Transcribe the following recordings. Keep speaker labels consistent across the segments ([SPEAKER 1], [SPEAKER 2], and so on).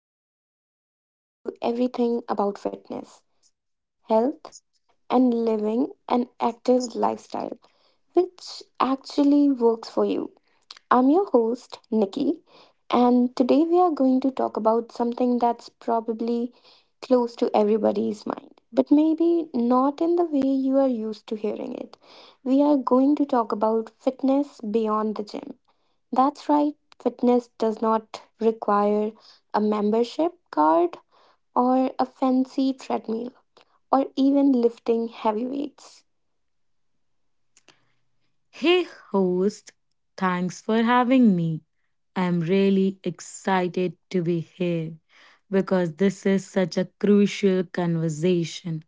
[SPEAKER 1] dive into everything about fitness, health, and living an active lifestyle which actually works for you. I'm your host, Nikki, and today we are going to talk about something that's probably close to everybody's mind, but maybe not in the way you are used to hearing it. We are going to talk about fitness beyond the gym. That's right, fitness does not require a membership card or a fancy treadmill or even lifting heavy weights.
[SPEAKER 2] Hey, host, thanks for having me. I'm really excited to be here because this is such a crucial conversation.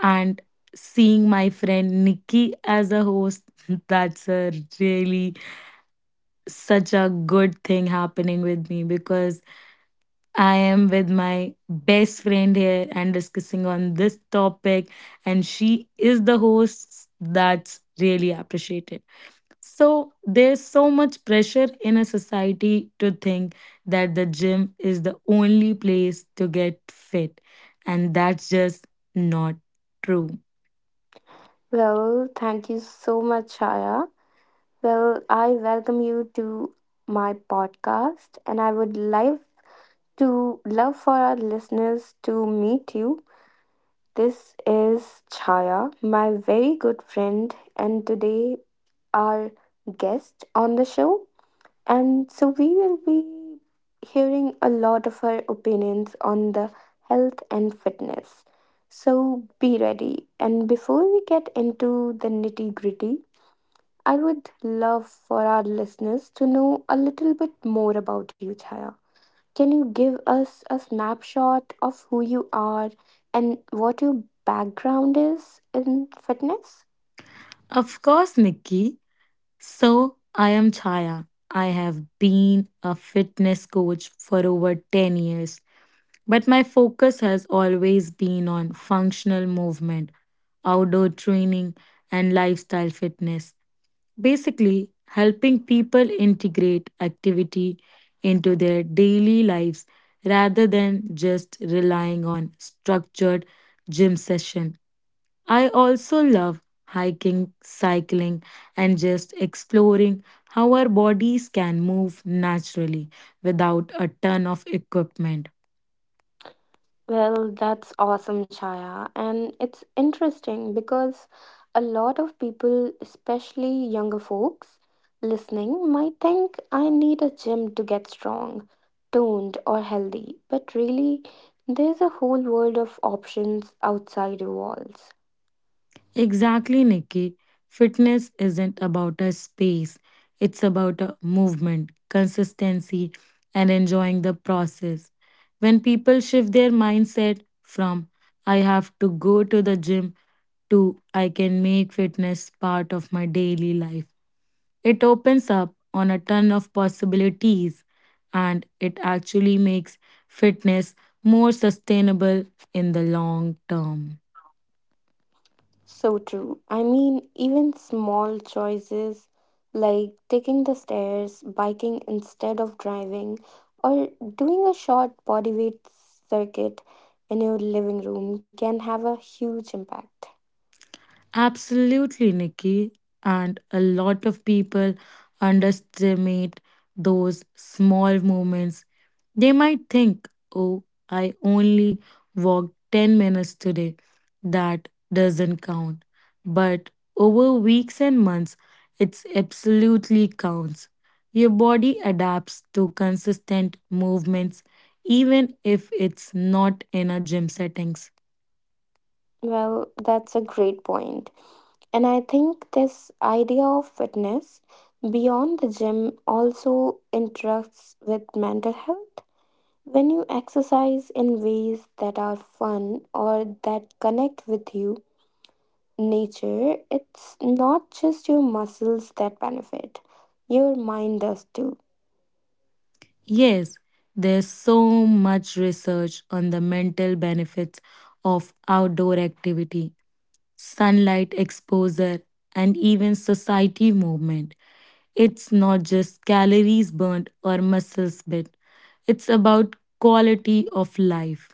[SPEAKER 2] And seeing my friend Nikki as a host, that's a really such a good thing happening with me because I am with my best friend here and discussing on this topic, and she is the host. That's really appreciated. So there's so much pressure in a society to think that the gym is the only place to get fit. And that's just not true.
[SPEAKER 1] Well, thank you so much, Shaya. Well, I welcome you to my podcast and I would like to love for our listeners to meet you. This is Chaya, my very good friend, and today our guest on the show. And so we will be hearing a lot of her opinions on the health and fitness. So be ready. And before we get into the nitty gritty, I would love for our listeners to know a little bit more about you, Chaya. Can you give us a snapshot of who you are and what your background is in fitness?
[SPEAKER 2] Of course, Nikki. So I am Chaya. I have been a fitness coach for over 10 years. But my focus has always been on functional movement, outdoor training, and lifestyle fitness, basically helping people integrate activity into their daily lives rather than just relying on structured gym session. I also love hiking, cycling, and just exploring how our bodies can move naturally without a ton of equipment.
[SPEAKER 1] Well, that's awesome, Chaya. And it's interesting because a lot of people, especially younger folks listening, might think I need a gym to get strong, toned, or healthy. But really, there's a whole world of options outside your walls.
[SPEAKER 2] Exactly, Nikki. Fitness isn't about a space, it's about a movement, consistency, and enjoying the process. When people shift their mindset from I have to go to the gym to I can make fitness part of my daily life, it opens up on a ton of possibilities and it actually makes fitness more sustainable in the long term.
[SPEAKER 1] So true. I mean, even small choices like taking the stairs, biking instead of driving, or doing a short body weight circuit in your living room can have a huge impact.
[SPEAKER 2] Absolutely, Nikki. And a lot of people underestimate those small moments. They might think, oh, I only walked 10 minutes today. That doesn't count. But over weeks and months, it absolutely counts. Your body adapts to consistent movements, even if it's not in a gym setting.
[SPEAKER 1] Well, that's a great point. And I think this idea of fitness beyond the gym also interacts with mental health. When you exercise in ways that are fun or that connect with you, nature, it's not just your muscles that benefit, your mind does too.
[SPEAKER 2] Yes, there's so much research on the mental benefits of outdoor activity, sunlight exposure, and even society movement. It's not just calories burnt or muscles bit, it's about quality of life.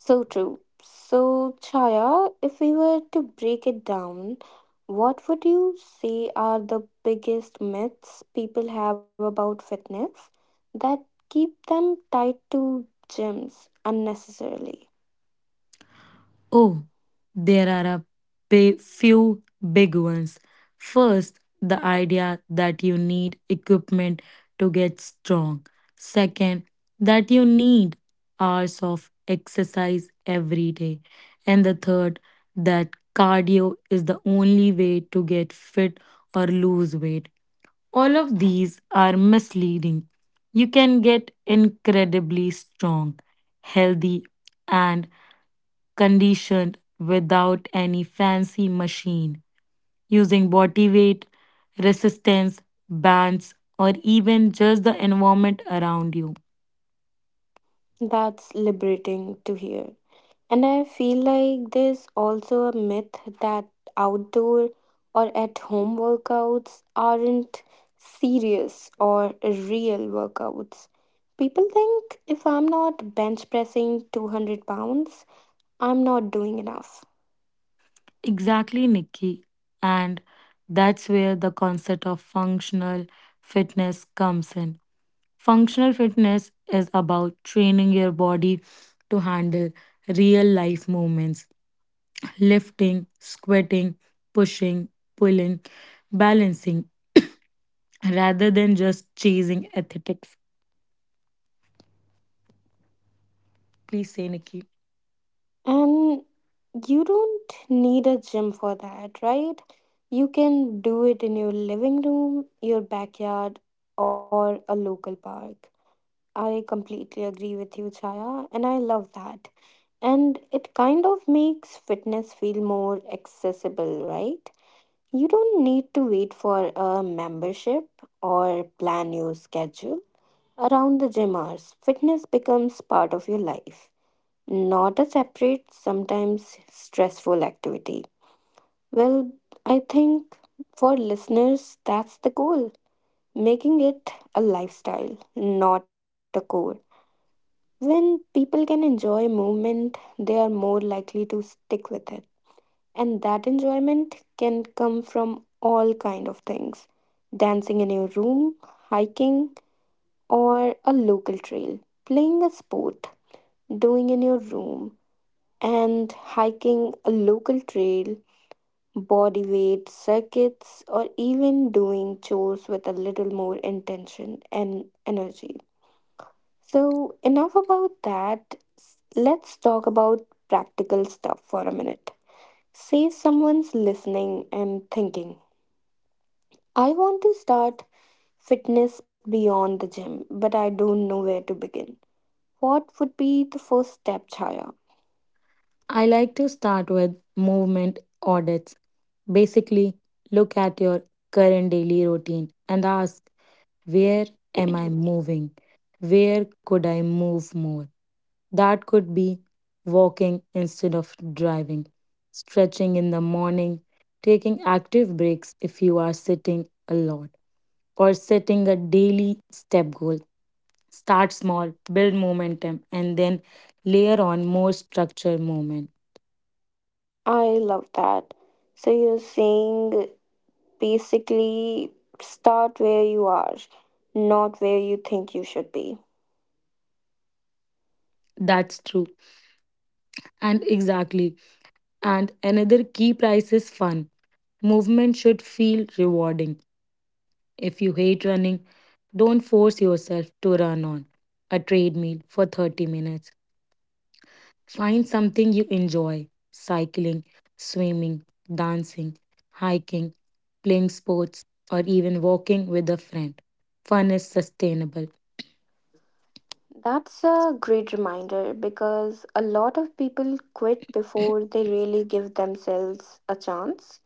[SPEAKER 1] So true. So, Chaya, if we were to break it down, what would you say are the biggest myths people have about fitness that keep them tied to gyms unnecessarily?
[SPEAKER 2] Oh, there are a few big ones. First, the idea that you need equipment to get strong. Second, that you need hours of exercise every day. And the third, that cardio is the only way to get fit or lose weight. All of these are misleading. You can get incredibly strong, healthy, and conditioned without any fancy machine, using body weight, resistance, bands, or even just the environment around you.
[SPEAKER 1] That's liberating to hear. And I feel like there's also a myth that outdoor or at home workouts aren't serious or real workouts. People think if I'm not bench pressing 200 pounds, I'm not doing enough.
[SPEAKER 2] Exactly, Nikki. And that's where the concept of functional fitness comes in. Functional fitness is about training your body to handle real life movements, lifting, squatting, pushing, pulling, balancing, rather than just chasing aesthetics. Please say, Nikki.
[SPEAKER 1] And you don't need a gym for that, right? You can do it in your living room, your backyard, or a local park. I completely agree with you, Chaya, and I love that. And it kind of makes fitness feel more accessible, right? You don't need to wait for a membership or plan your schedule around the gym hours. Fitness becomes part of your life, not a separate, sometimes stressful activity. Well, I think for listeners, that's the goal, making it a lifestyle, not a core. When people can enjoy movement, they are more likely to stick with it, and that enjoyment can come from all kind of things, dancing in your room, hiking or a local trail, playing a sport, doing in your room and hiking a local trail, body weight circuits or even doing chores with a little more intention and energy. So enough about that, let's talk about practical stuff for a minute. Say someone's listening and thinking I want to start fitness beyond the gym, but I don't know where to begin. What would be the first step, Chaya?
[SPEAKER 2] I like to start with movement audits. Basically, look at your current daily routine and ask, where am I moving? Where could I move more? That could be walking instead of driving, stretching in the morning, taking active breaks if you are sitting a lot, or setting a daily step goal. Start small, build momentum, and then layer on more structured movement.
[SPEAKER 1] I love that. So you're saying basically start where you are, not where you think you should be.
[SPEAKER 2] That's true. And exactly. And another key price is fun. Movement should feel rewarding. If you hate running, don't force yourself to run on a treadmill for 30 minutes. Find something you enjoy cycling, swimming, dancing, hiking, playing sports, or even walking with a friend. Fun is sustainable.
[SPEAKER 1] That's a great reminder because a lot of people quit before they really give themselves a chance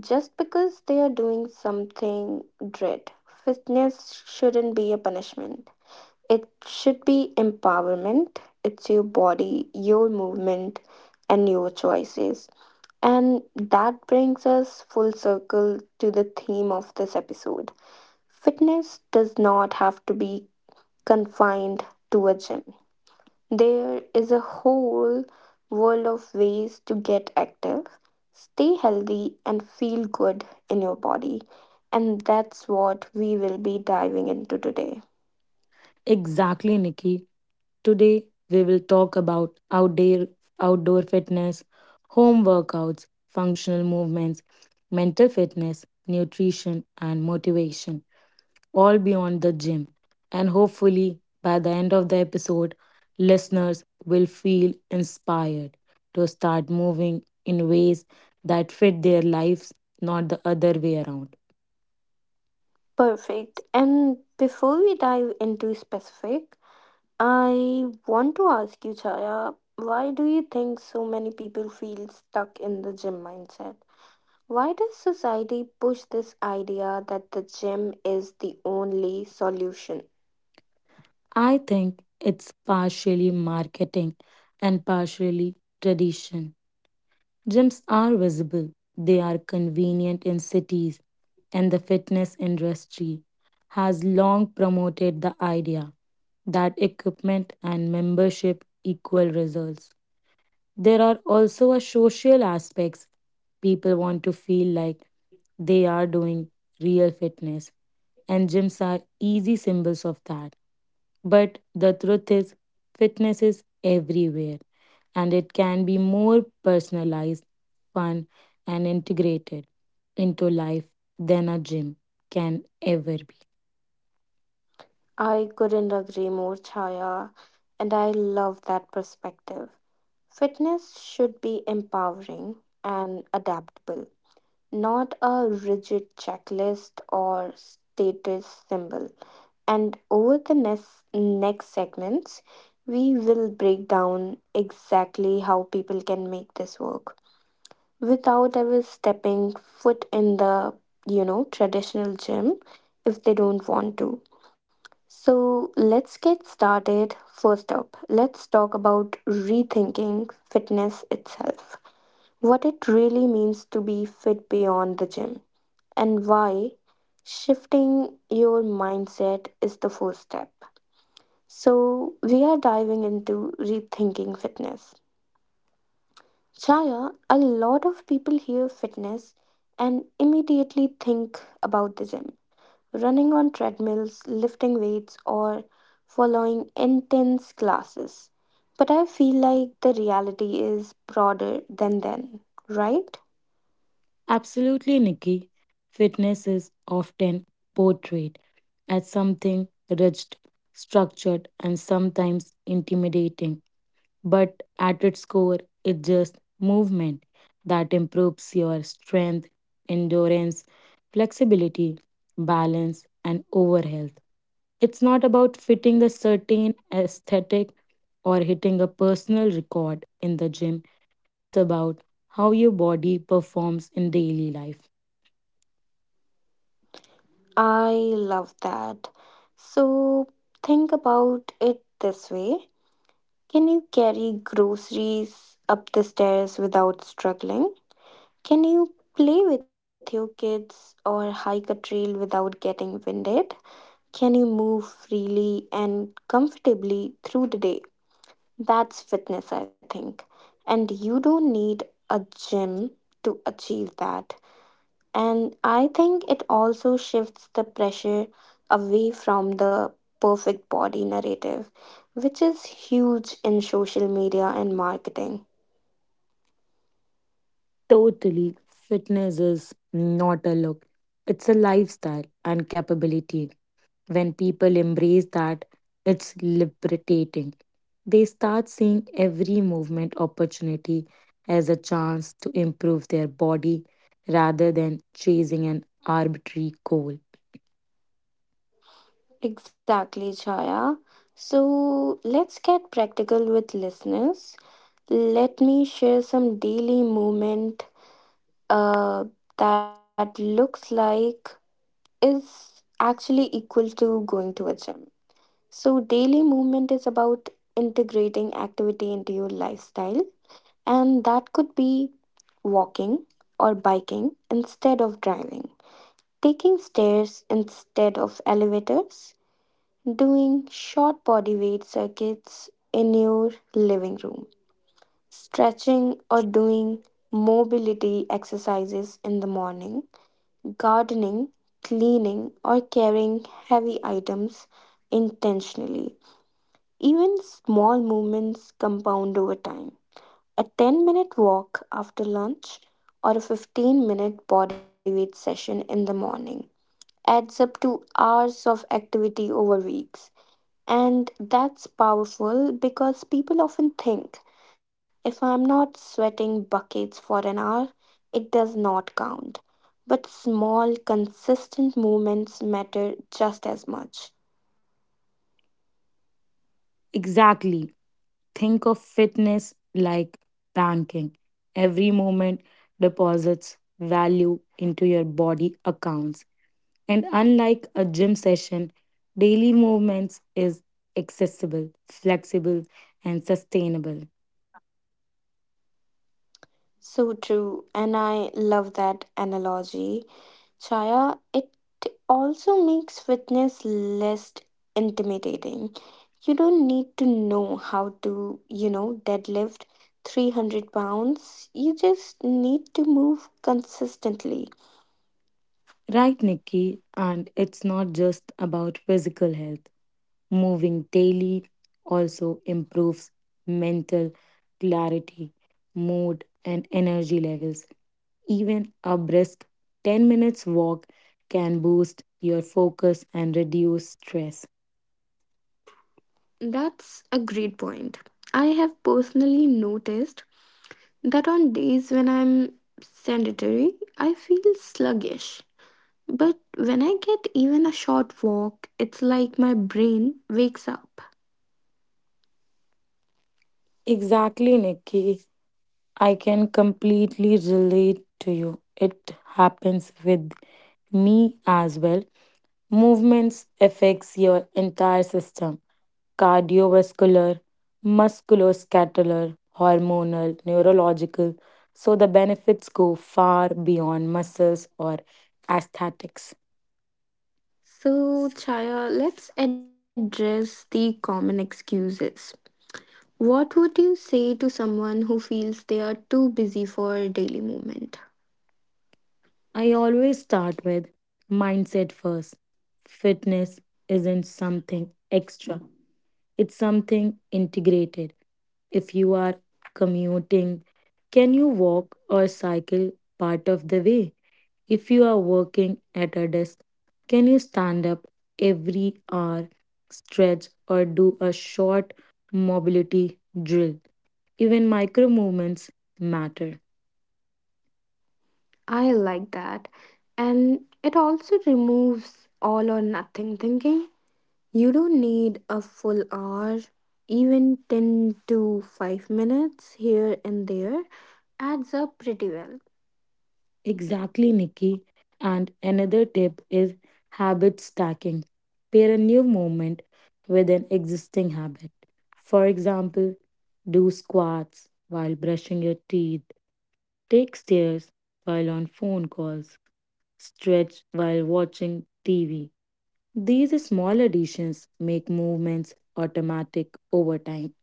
[SPEAKER 1] just because they are doing something dread. Fitness shouldn't be a punishment. It should be empowerment. It's your body, your movement, and your choices. And that brings us full circle to the theme of this episode. Fitness does not have to be confined to a gym. There is a whole world of ways to get active, stay healthy, and feel good in your body. And that's what we will be diving into today.
[SPEAKER 2] Exactly, Nikki. Today, we will talk about outdoor fitness, home workouts, functional movements, mental fitness, nutrition, and motivation, all beyond the gym. And hopefully, by the end of the episode, listeners will feel inspired to start moving in ways that fit their lives, not the other way around.
[SPEAKER 1] Perfect. And before we dive into specific, I want to ask you, Chaya, why do you think so many people feel stuck in the gym mindset? Why does society push this idea that the gym is the only solution?
[SPEAKER 2] I think it's partially marketing and partially tradition. Gyms are visible, they are convenient in cities, and the fitness industry has long promoted the idea that equipment and membership equal results. There are also a social aspects. People want to feel like they are doing real fitness, and gyms are easy symbols of that. But the truth is, fitness is everywhere and it can be more personalized, fun, and integrated into life than a gym can ever be.
[SPEAKER 1] I couldn't agree more, Chaya, and I love that perspective. Fitness should be empowering and adaptable, not a rigid checklist or status symbol. And over the next segments, we will break down exactly how people can make this work without ever stepping foot in the, you know, traditional gym if they don't want to. So let's get started. First up, let's talk about rethinking fitness itself. What it really means to be fit beyond the gym and why shifting your mindset is the first step. So, we are diving into rethinking fitness. Chaya, a lot of people hear fitness and immediately think about the gym. Running on treadmills, lifting weights, or following intense classes. But I feel like the reality is broader than then, right?
[SPEAKER 2] Absolutely, Nikki. Fitness is often portrayed as something rigid, structured, and sometimes intimidating, but at its core, it's just movement that improves your strength, endurance, flexibility, balance, and overall health. It's not about fitting a certain aesthetic or hitting a personal record in the gym. It's about how your body performs in daily life.
[SPEAKER 1] I love that. So think about it this way. Can you carry groceries up the stairs without struggling? Can you play with your kids or hike a trail without getting winded? Can you move freely and comfortably through the day? That's fitness, I think. And you don't need a gym to achieve that. And I think it also shifts the pressure away from the perfect body narrative, which is huge in social media and marketing.
[SPEAKER 2] Totally, fitness is not a look, it's a lifestyle and capability. When people embrace that, it's liberating. They start seeing every movement opportunity as a chance to improve their body rather than chasing an arbitrary goal.
[SPEAKER 1] Exactly, Chaya. So let's get practical with listeners. Let me share some daily movement uh, that looks like is actually equal to going to a gym. So, daily movement is about integrating activity into your lifestyle, and that could be walking or biking instead of driving, taking stairs instead of elevators, doing short body weight circuits in your living room, stretching or doing mobility exercises in the morning, gardening, cleaning, or carrying heavy items intentionally. Even small movements compound over time. A 10-minute walk after lunch or a 15-minute bodyweight session in the morning adds up to hours of activity over weeks. And that's powerful because people often think if I'm not sweating buckets for an hour, it does not count. But small, consistent movements matter just as much.
[SPEAKER 2] Exactly. Think of fitness like banking. Every moment deposits value into your body accounts. And unlike a gym session, daily movements is accessible, flexible, and sustainable.
[SPEAKER 1] So true, and I love that analogy, Chaya. It also makes fitness less intimidating. You don't need to know how to, you know, deadlift 300 pounds. You just need to move consistently.
[SPEAKER 2] Right, Nikki, and it's not just about physical health. Moving daily also improves mental clarity, mood, and energy levels. Even a brisk 10 minutes walk can boost your focus and reduce stress.
[SPEAKER 1] That's a great point. I have personally noticed that on days when I'm sedentary, I feel sluggish. But when I get even a short walk, it's like my brain wakes up.
[SPEAKER 2] Exactly, Nikki. I can completely relate to you. It happens with me as well. Movements affects your entire system cardiovascular, musculoskeletal, hormonal, neurological, so the benefits go far beyond muscles or aesthetics.
[SPEAKER 1] So, Chaya, let's address the common excuses. What would you say to someone who feels they are too busy for daily movement?
[SPEAKER 2] I always start with mindset first. Fitness isn't something extra, it's something integrated. If you are commuting, can you walk or cycle part of the way? If you are working at a desk, can you stand up every hour, stretch, or do a short mobility drill? Even micro movements matter.
[SPEAKER 1] I like that. And it also removes all or nothing thinking. You don't need a full hour, even 10 to 5 minutes here and there adds up pretty well.
[SPEAKER 2] Exactly, Nikki. And another tip is habit stacking. Pair a new movement with an existing habit. For example, do squats while brushing your teeth, take stairs while on phone calls, stretch while watching TV. These small additions make movements automatic over time.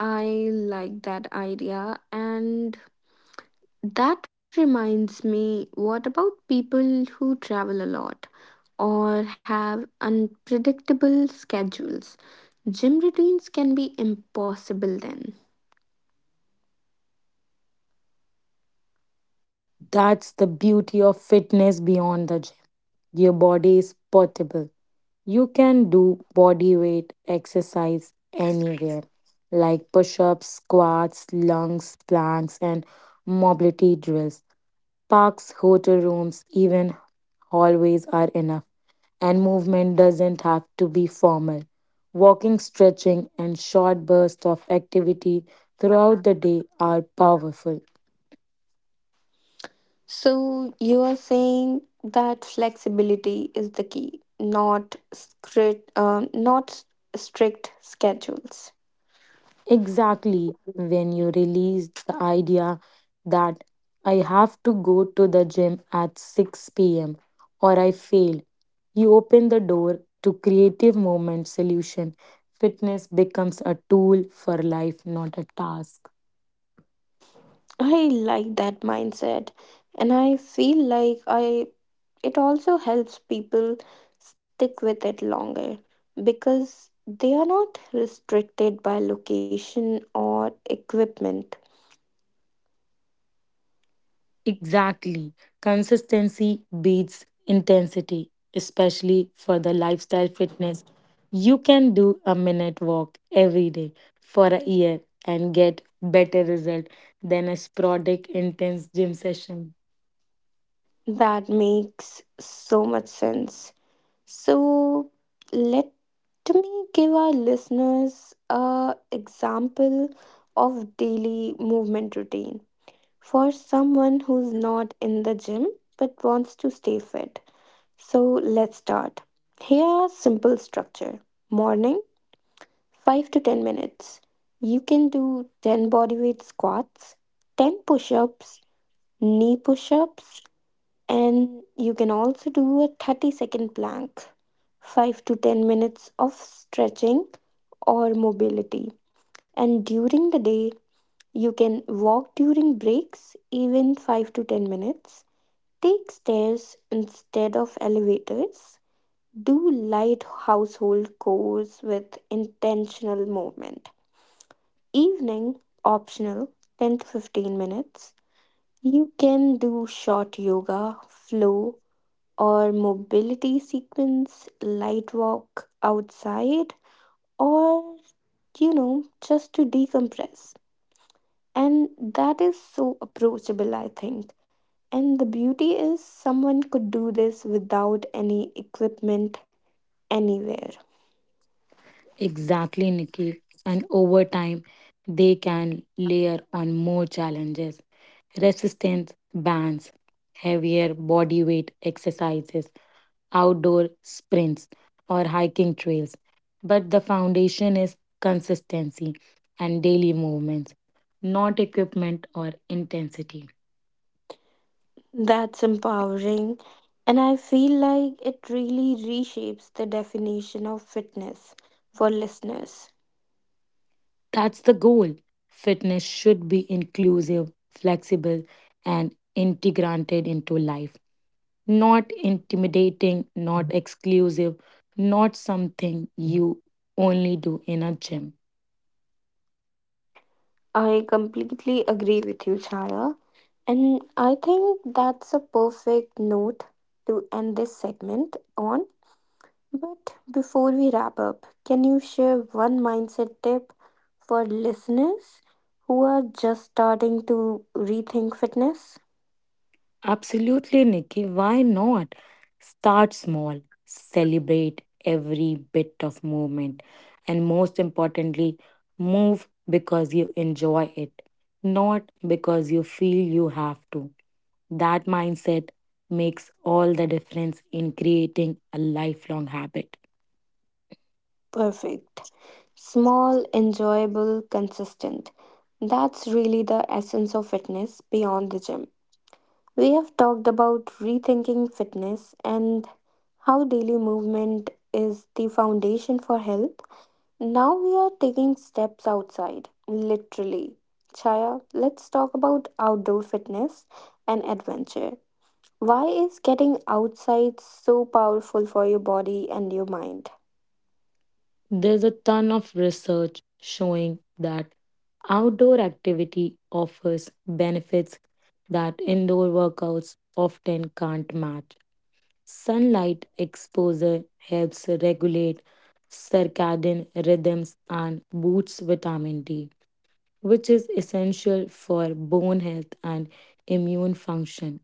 [SPEAKER 1] I like that idea, and that reminds me, what about people who travel a lot or have unpredictable schedules? Gym routines can be impossible then.
[SPEAKER 2] That's the beauty of fitness beyond the gym. Your body is portable. You can do body weight exercise anywhere, like push ups, squats, lunges, planks, and mobility drills. Parks, hotel rooms, even hallways are enough. And movement doesn't have to be formal. Walking, stretching, and short bursts of activity throughout the day are powerful.
[SPEAKER 1] So, you are saying that flexibility is the key, not script, not s- strict schedules.
[SPEAKER 2] Exactly when you release the idea that I have to go to the gym at 6 p.m. or I fail, you open the door to creative movement solution. Fitness becomes a tool for life, not a task.
[SPEAKER 1] I like that mindset and I feel like I it also helps people stick with it longer because they are not restricted by location or equipment.
[SPEAKER 2] Exactly. Consistency beats intensity, especially for the lifestyle fitness. You can do a minute walk every day for a year and get better result than a sporadic intense gym session.
[SPEAKER 1] That makes so much sense. So let me give our listeners a example of daily movement routine for someone who's not in the gym but wants to stay fit. So let's start. Here are simple structure. Morning, 5 to 10 minutes. You can do 10 bodyweight squats, 10 push-ups, knee push-ups, and you can also do a 30-second plank. 5 to 10 minutes of stretching or mobility. And during the day, you can walk during breaks, even 5 to 10 minutes. Take stairs instead of elevators, do light household chores with intentional movement. Evening, optional, 10 to 15 minutes. You can do short yoga, flow, or mobility sequence, light walk outside, or, you know, just to decompress. And that is so approachable, I think. And the beauty is, someone could do this without any equipment anywhere.
[SPEAKER 2] Exactly, Nikki. And over time, they can layer on more challenges, resistance bands, heavier body weight exercises, outdoor sprints, or hiking trails. But the foundation is consistency and daily movements, not equipment or intensity.
[SPEAKER 1] That's empowering. And I feel like it really reshapes the definition of fitness for listeners.
[SPEAKER 2] That's the goal. Fitness should be inclusive, flexible, and integrated into life, not intimidating, not exclusive, not something you only do in a gym.
[SPEAKER 1] I completely agree with you, Chaya. And I think that's a perfect note to end this segment on. But before we wrap up, can you share one mindset tip for listeners who are just starting to rethink fitness?
[SPEAKER 2] Absolutely, Nikki. Why not? Start small, celebrate every bit of movement, and most importantly, move because you enjoy it, not because you feel you have to. That mindset makes all the difference in creating a lifelong habit.
[SPEAKER 1] Perfect. Small, enjoyable, consistent. That's really the essence of fitness beyond the gym. We have talked about rethinking fitness and how daily movement is the foundation for health. Now we are taking steps outside, literally. Chaya, let's talk about outdoor fitness and adventure. Why is getting outside so powerful for your body and your mind?
[SPEAKER 2] There's a ton of research showing that outdoor activity offers benefits that indoor workouts often can't match. Sunlight exposure helps regulate circadian rhythms and boosts vitamin D, which is essential for bone health and immune function.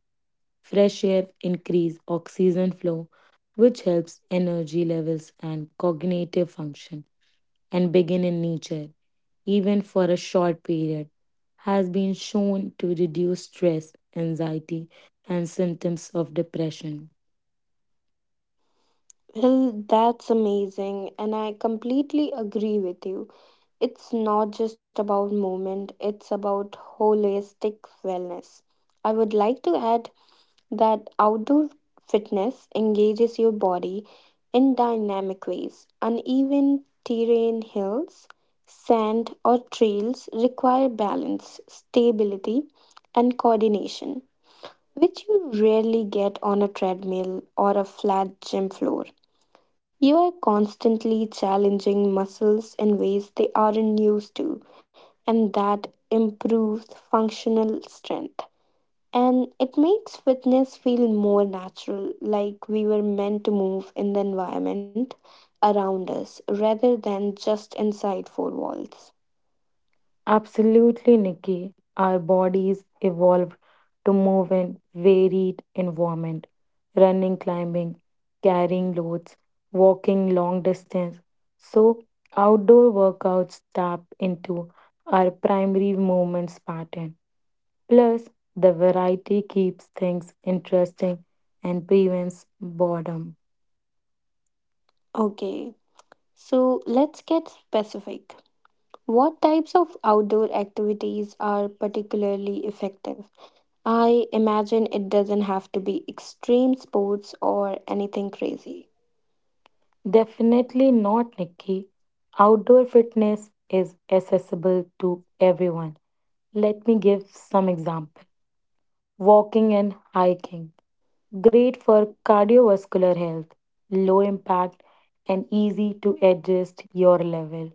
[SPEAKER 2] Fresh air increases oxygen flow, which helps energy levels and cognitive function, and begin in nature, even for a short period, has been shown to reduce stress, anxiety, and symptoms of depression.
[SPEAKER 1] Well, that's amazing, and I completely agree with you. It's not just about movement, it's about holistic wellness. I would like to add that outdoor fitness engages your body in dynamic ways. Uneven terrain, hills, sand, or trails require balance, stability, and coordination, which you rarely get on a treadmill or a flat gym floor. You are constantly challenging muscles in ways they aren't used to, and that improves functional strength. And it makes fitness feel more natural, like we were meant to move in the environment around us rather than just inside four walls.
[SPEAKER 2] Absolutely, Nikki. Our bodies evolved to move in varied environment, running, climbing, carrying loads, walking long distance. So outdoor workouts tap into our primary movements pattern. Plus, the variety keeps things interesting and prevents boredom.
[SPEAKER 1] Okay, so let's get specific. What types of outdoor activities are particularly effective? I imagine it doesn't have to be extreme sports or anything crazy.
[SPEAKER 2] Definitely not, Nikki. Outdoor fitness is accessible to everyone. Let me give some example. Walking and hiking. Great for cardiovascular health, low impact and easy to adjust your level.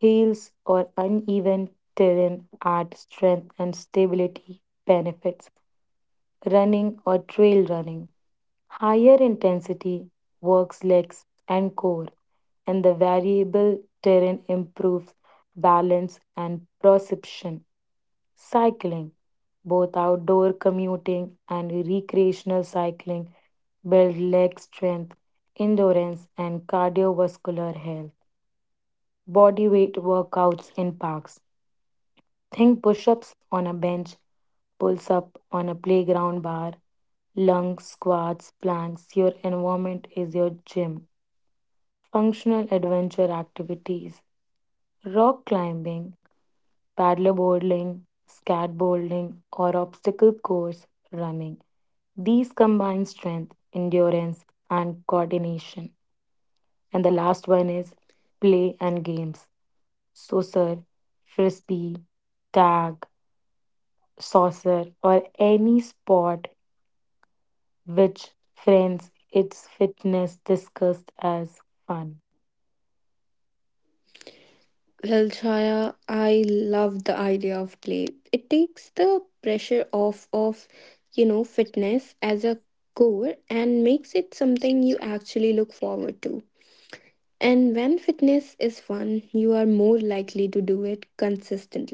[SPEAKER 2] Hills or uneven terrain add strength and stability benefits. Running or trail running. Higher intensity works legs and core, and the variable terrain improves balance and perception. Cycling, both outdoor commuting and recreational cycling, build leg strength, endurance, and cardiovascular health. Body weight workouts in parks. Think push ups on a bench, pulls up on a playground bar, lunge squats, planks. Your environment is your gym. Functional adventure activities rock climbing, paddleboarding, skateboarding, or obstacle course running. These combine strength, endurance, and coordination. And the last one is play and games. So, sir, frisbee, tag, saucer, or any sport which friends its fitness discussed as fun.
[SPEAKER 1] Well, Chaya, I love the idea of play. It takes the pressure off of, you know, fitness as a core and makes it something you actually look forward to. And when fitness is fun, you are more likely to do it consistently.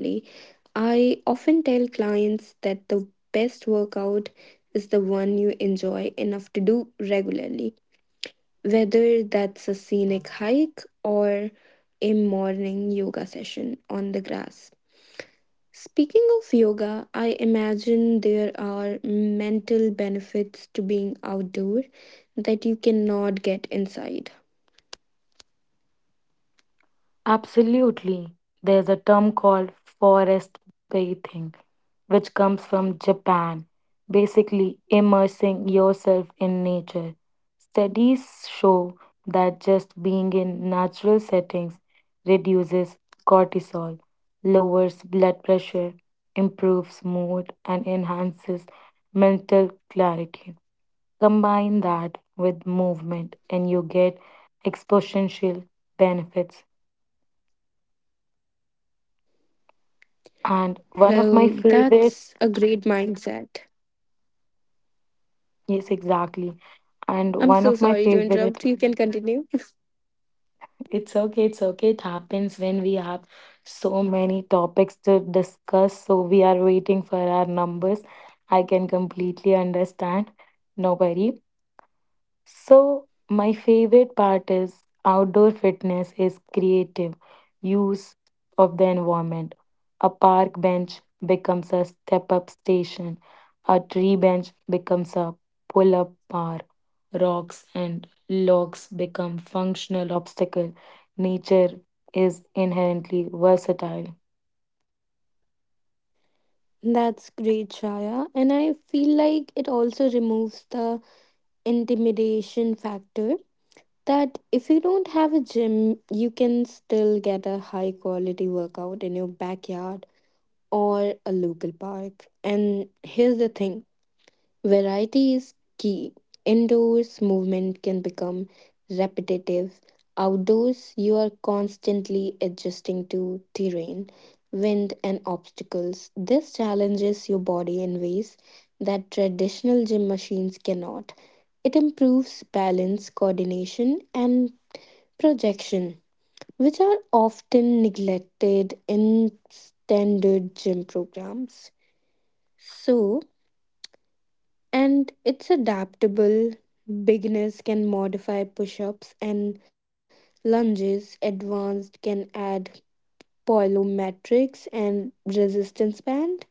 [SPEAKER 1] I often tell clients that the best workout is the one you enjoy enough to do regularly, whether that's a scenic hike or a morning yoga session on the grass. Speaking of yoga, I imagine there are mental benefits to being outdoor that you cannot get inside.
[SPEAKER 2] Absolutely. There's a term called forest bathing, which comes from Japan, basically immersing yourself in nature. Studies show that just being in natural settings reduces cortisol, lowers blood pressure, improves mood, and enhances mental clarity. Combine that with movement, and you get exponential benefits.
[SPEAKER 1] Well,
[SPEAKER 2] And one
[SPEAKER 1] that's
[SPEAKER 2] of
[SPEAKER 1] a
[SPEAKER 2] my
[SPEAKER 1] great
[SPEAKER 2] favorite,
[SPEAKER 1] mindset.
[SPEAKER 2] yes, exactly.
[SPEAKER 1] I'm so
[SPEAKER 2] And
[SPEAKER 1] sorry
[SPEAKER 2] one
[SPEAKER 1] to
[SPEAKER 2] of my
[SPEAKER 1] interrupt. You can
[SPEAKER 2] favorite,
[SPEAKER 1] continue.
[SPEAKER 2] it's okay, it's okay. It happens when we have so many topics to discuss. So we are waiting for our numbers. I can completely understand. No worry. So, my favorite part is outdoor fitness is creative use of the environment. A park bench becomes a step up station, a tree bench becomes a pull up bar, rocks and logs become functional obstacle. Nature is inherently versatile.
[SPEAKER 1] That's great, Shaya. And I feel like it also removes the intimidation factor that if you don't have a gym, you can still get a high quality workout in your backyard or a local park. And here's the thing, variety is key. Indoors, movement can become repetitive. Outdoors, you are constantly adjusting to terrain, wind, and obstacles. This challenges your body in ways that traditional gym machines cannot. It improves balance, coordination, and projection, which are often neglected in standard gym programs. So, and it's adaptable. Beginners can modify push ups and lunges, advanced can add plyometrics and resistance band.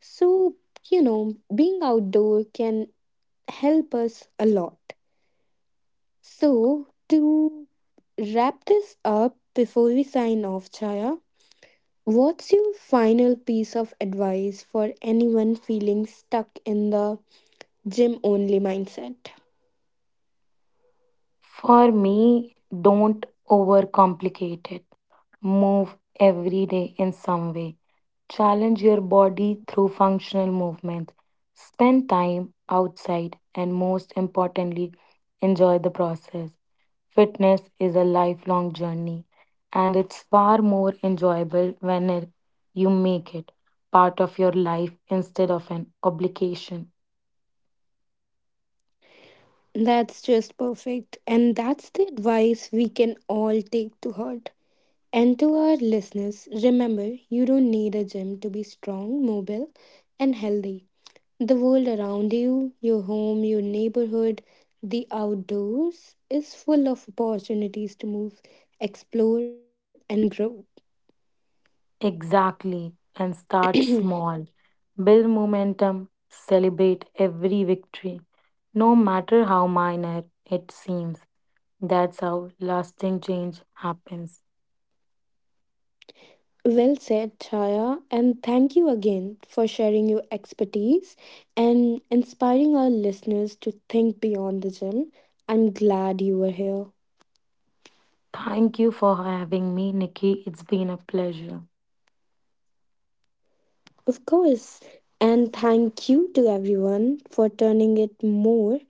[SPEAKER 1] So, you know, being outdoor can help us a lot. So, to wrap this up before we sign off, Chaya, what's your final piece of advice for anyone feeling stuck in the gym only mindset?
[SPEAKER 2] For me, don't overcomplicate it. Move every day in some way. Challenge your body through functional movement. Spend time outside and, most importantly, enjoy the process. Fitness is a lifelong journey and it's far more enjoyable when it, you make it part of your life instead of an obligation.
[SPEAKER 1] That's just perfect. And that's the advice we can all take to heart. And to our listeners, remember you don't need a gym to be strong, mobile, and healthy. The world around you, your home, your neighborhood, the outdoors is full of opportunities to move, explore, and grow.
[SPEAKER 2] Exactly, and start small. Build momentum, celebrate every victory, no matter how minor it seems. That's how lasting change happens.
[SPEAKER 1] Well said, Chaya, and thank you again for sharing your expertise and inspiring our listeners to think beyond the gym. I'm glad you were here.
[SPEAKER 2] Thank you for having me, Nikki. It's been a pleasure.
[SPEAKER 1] Of course, and thank you to everyone for turning it more,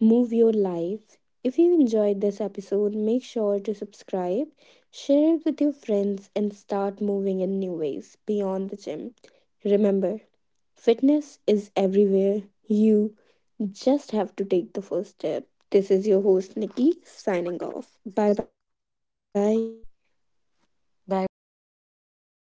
[SPEAKER 1] move your life. If you enjoyed this episode, make sure to subscribe, share it with your friends, and start moving in new ways beyond the gym. Remember, fitness is everywhere. You just have to take the first step. This is your host, Nikki, signing off. Bye bye.
[SPEAKER 2] Bye bye.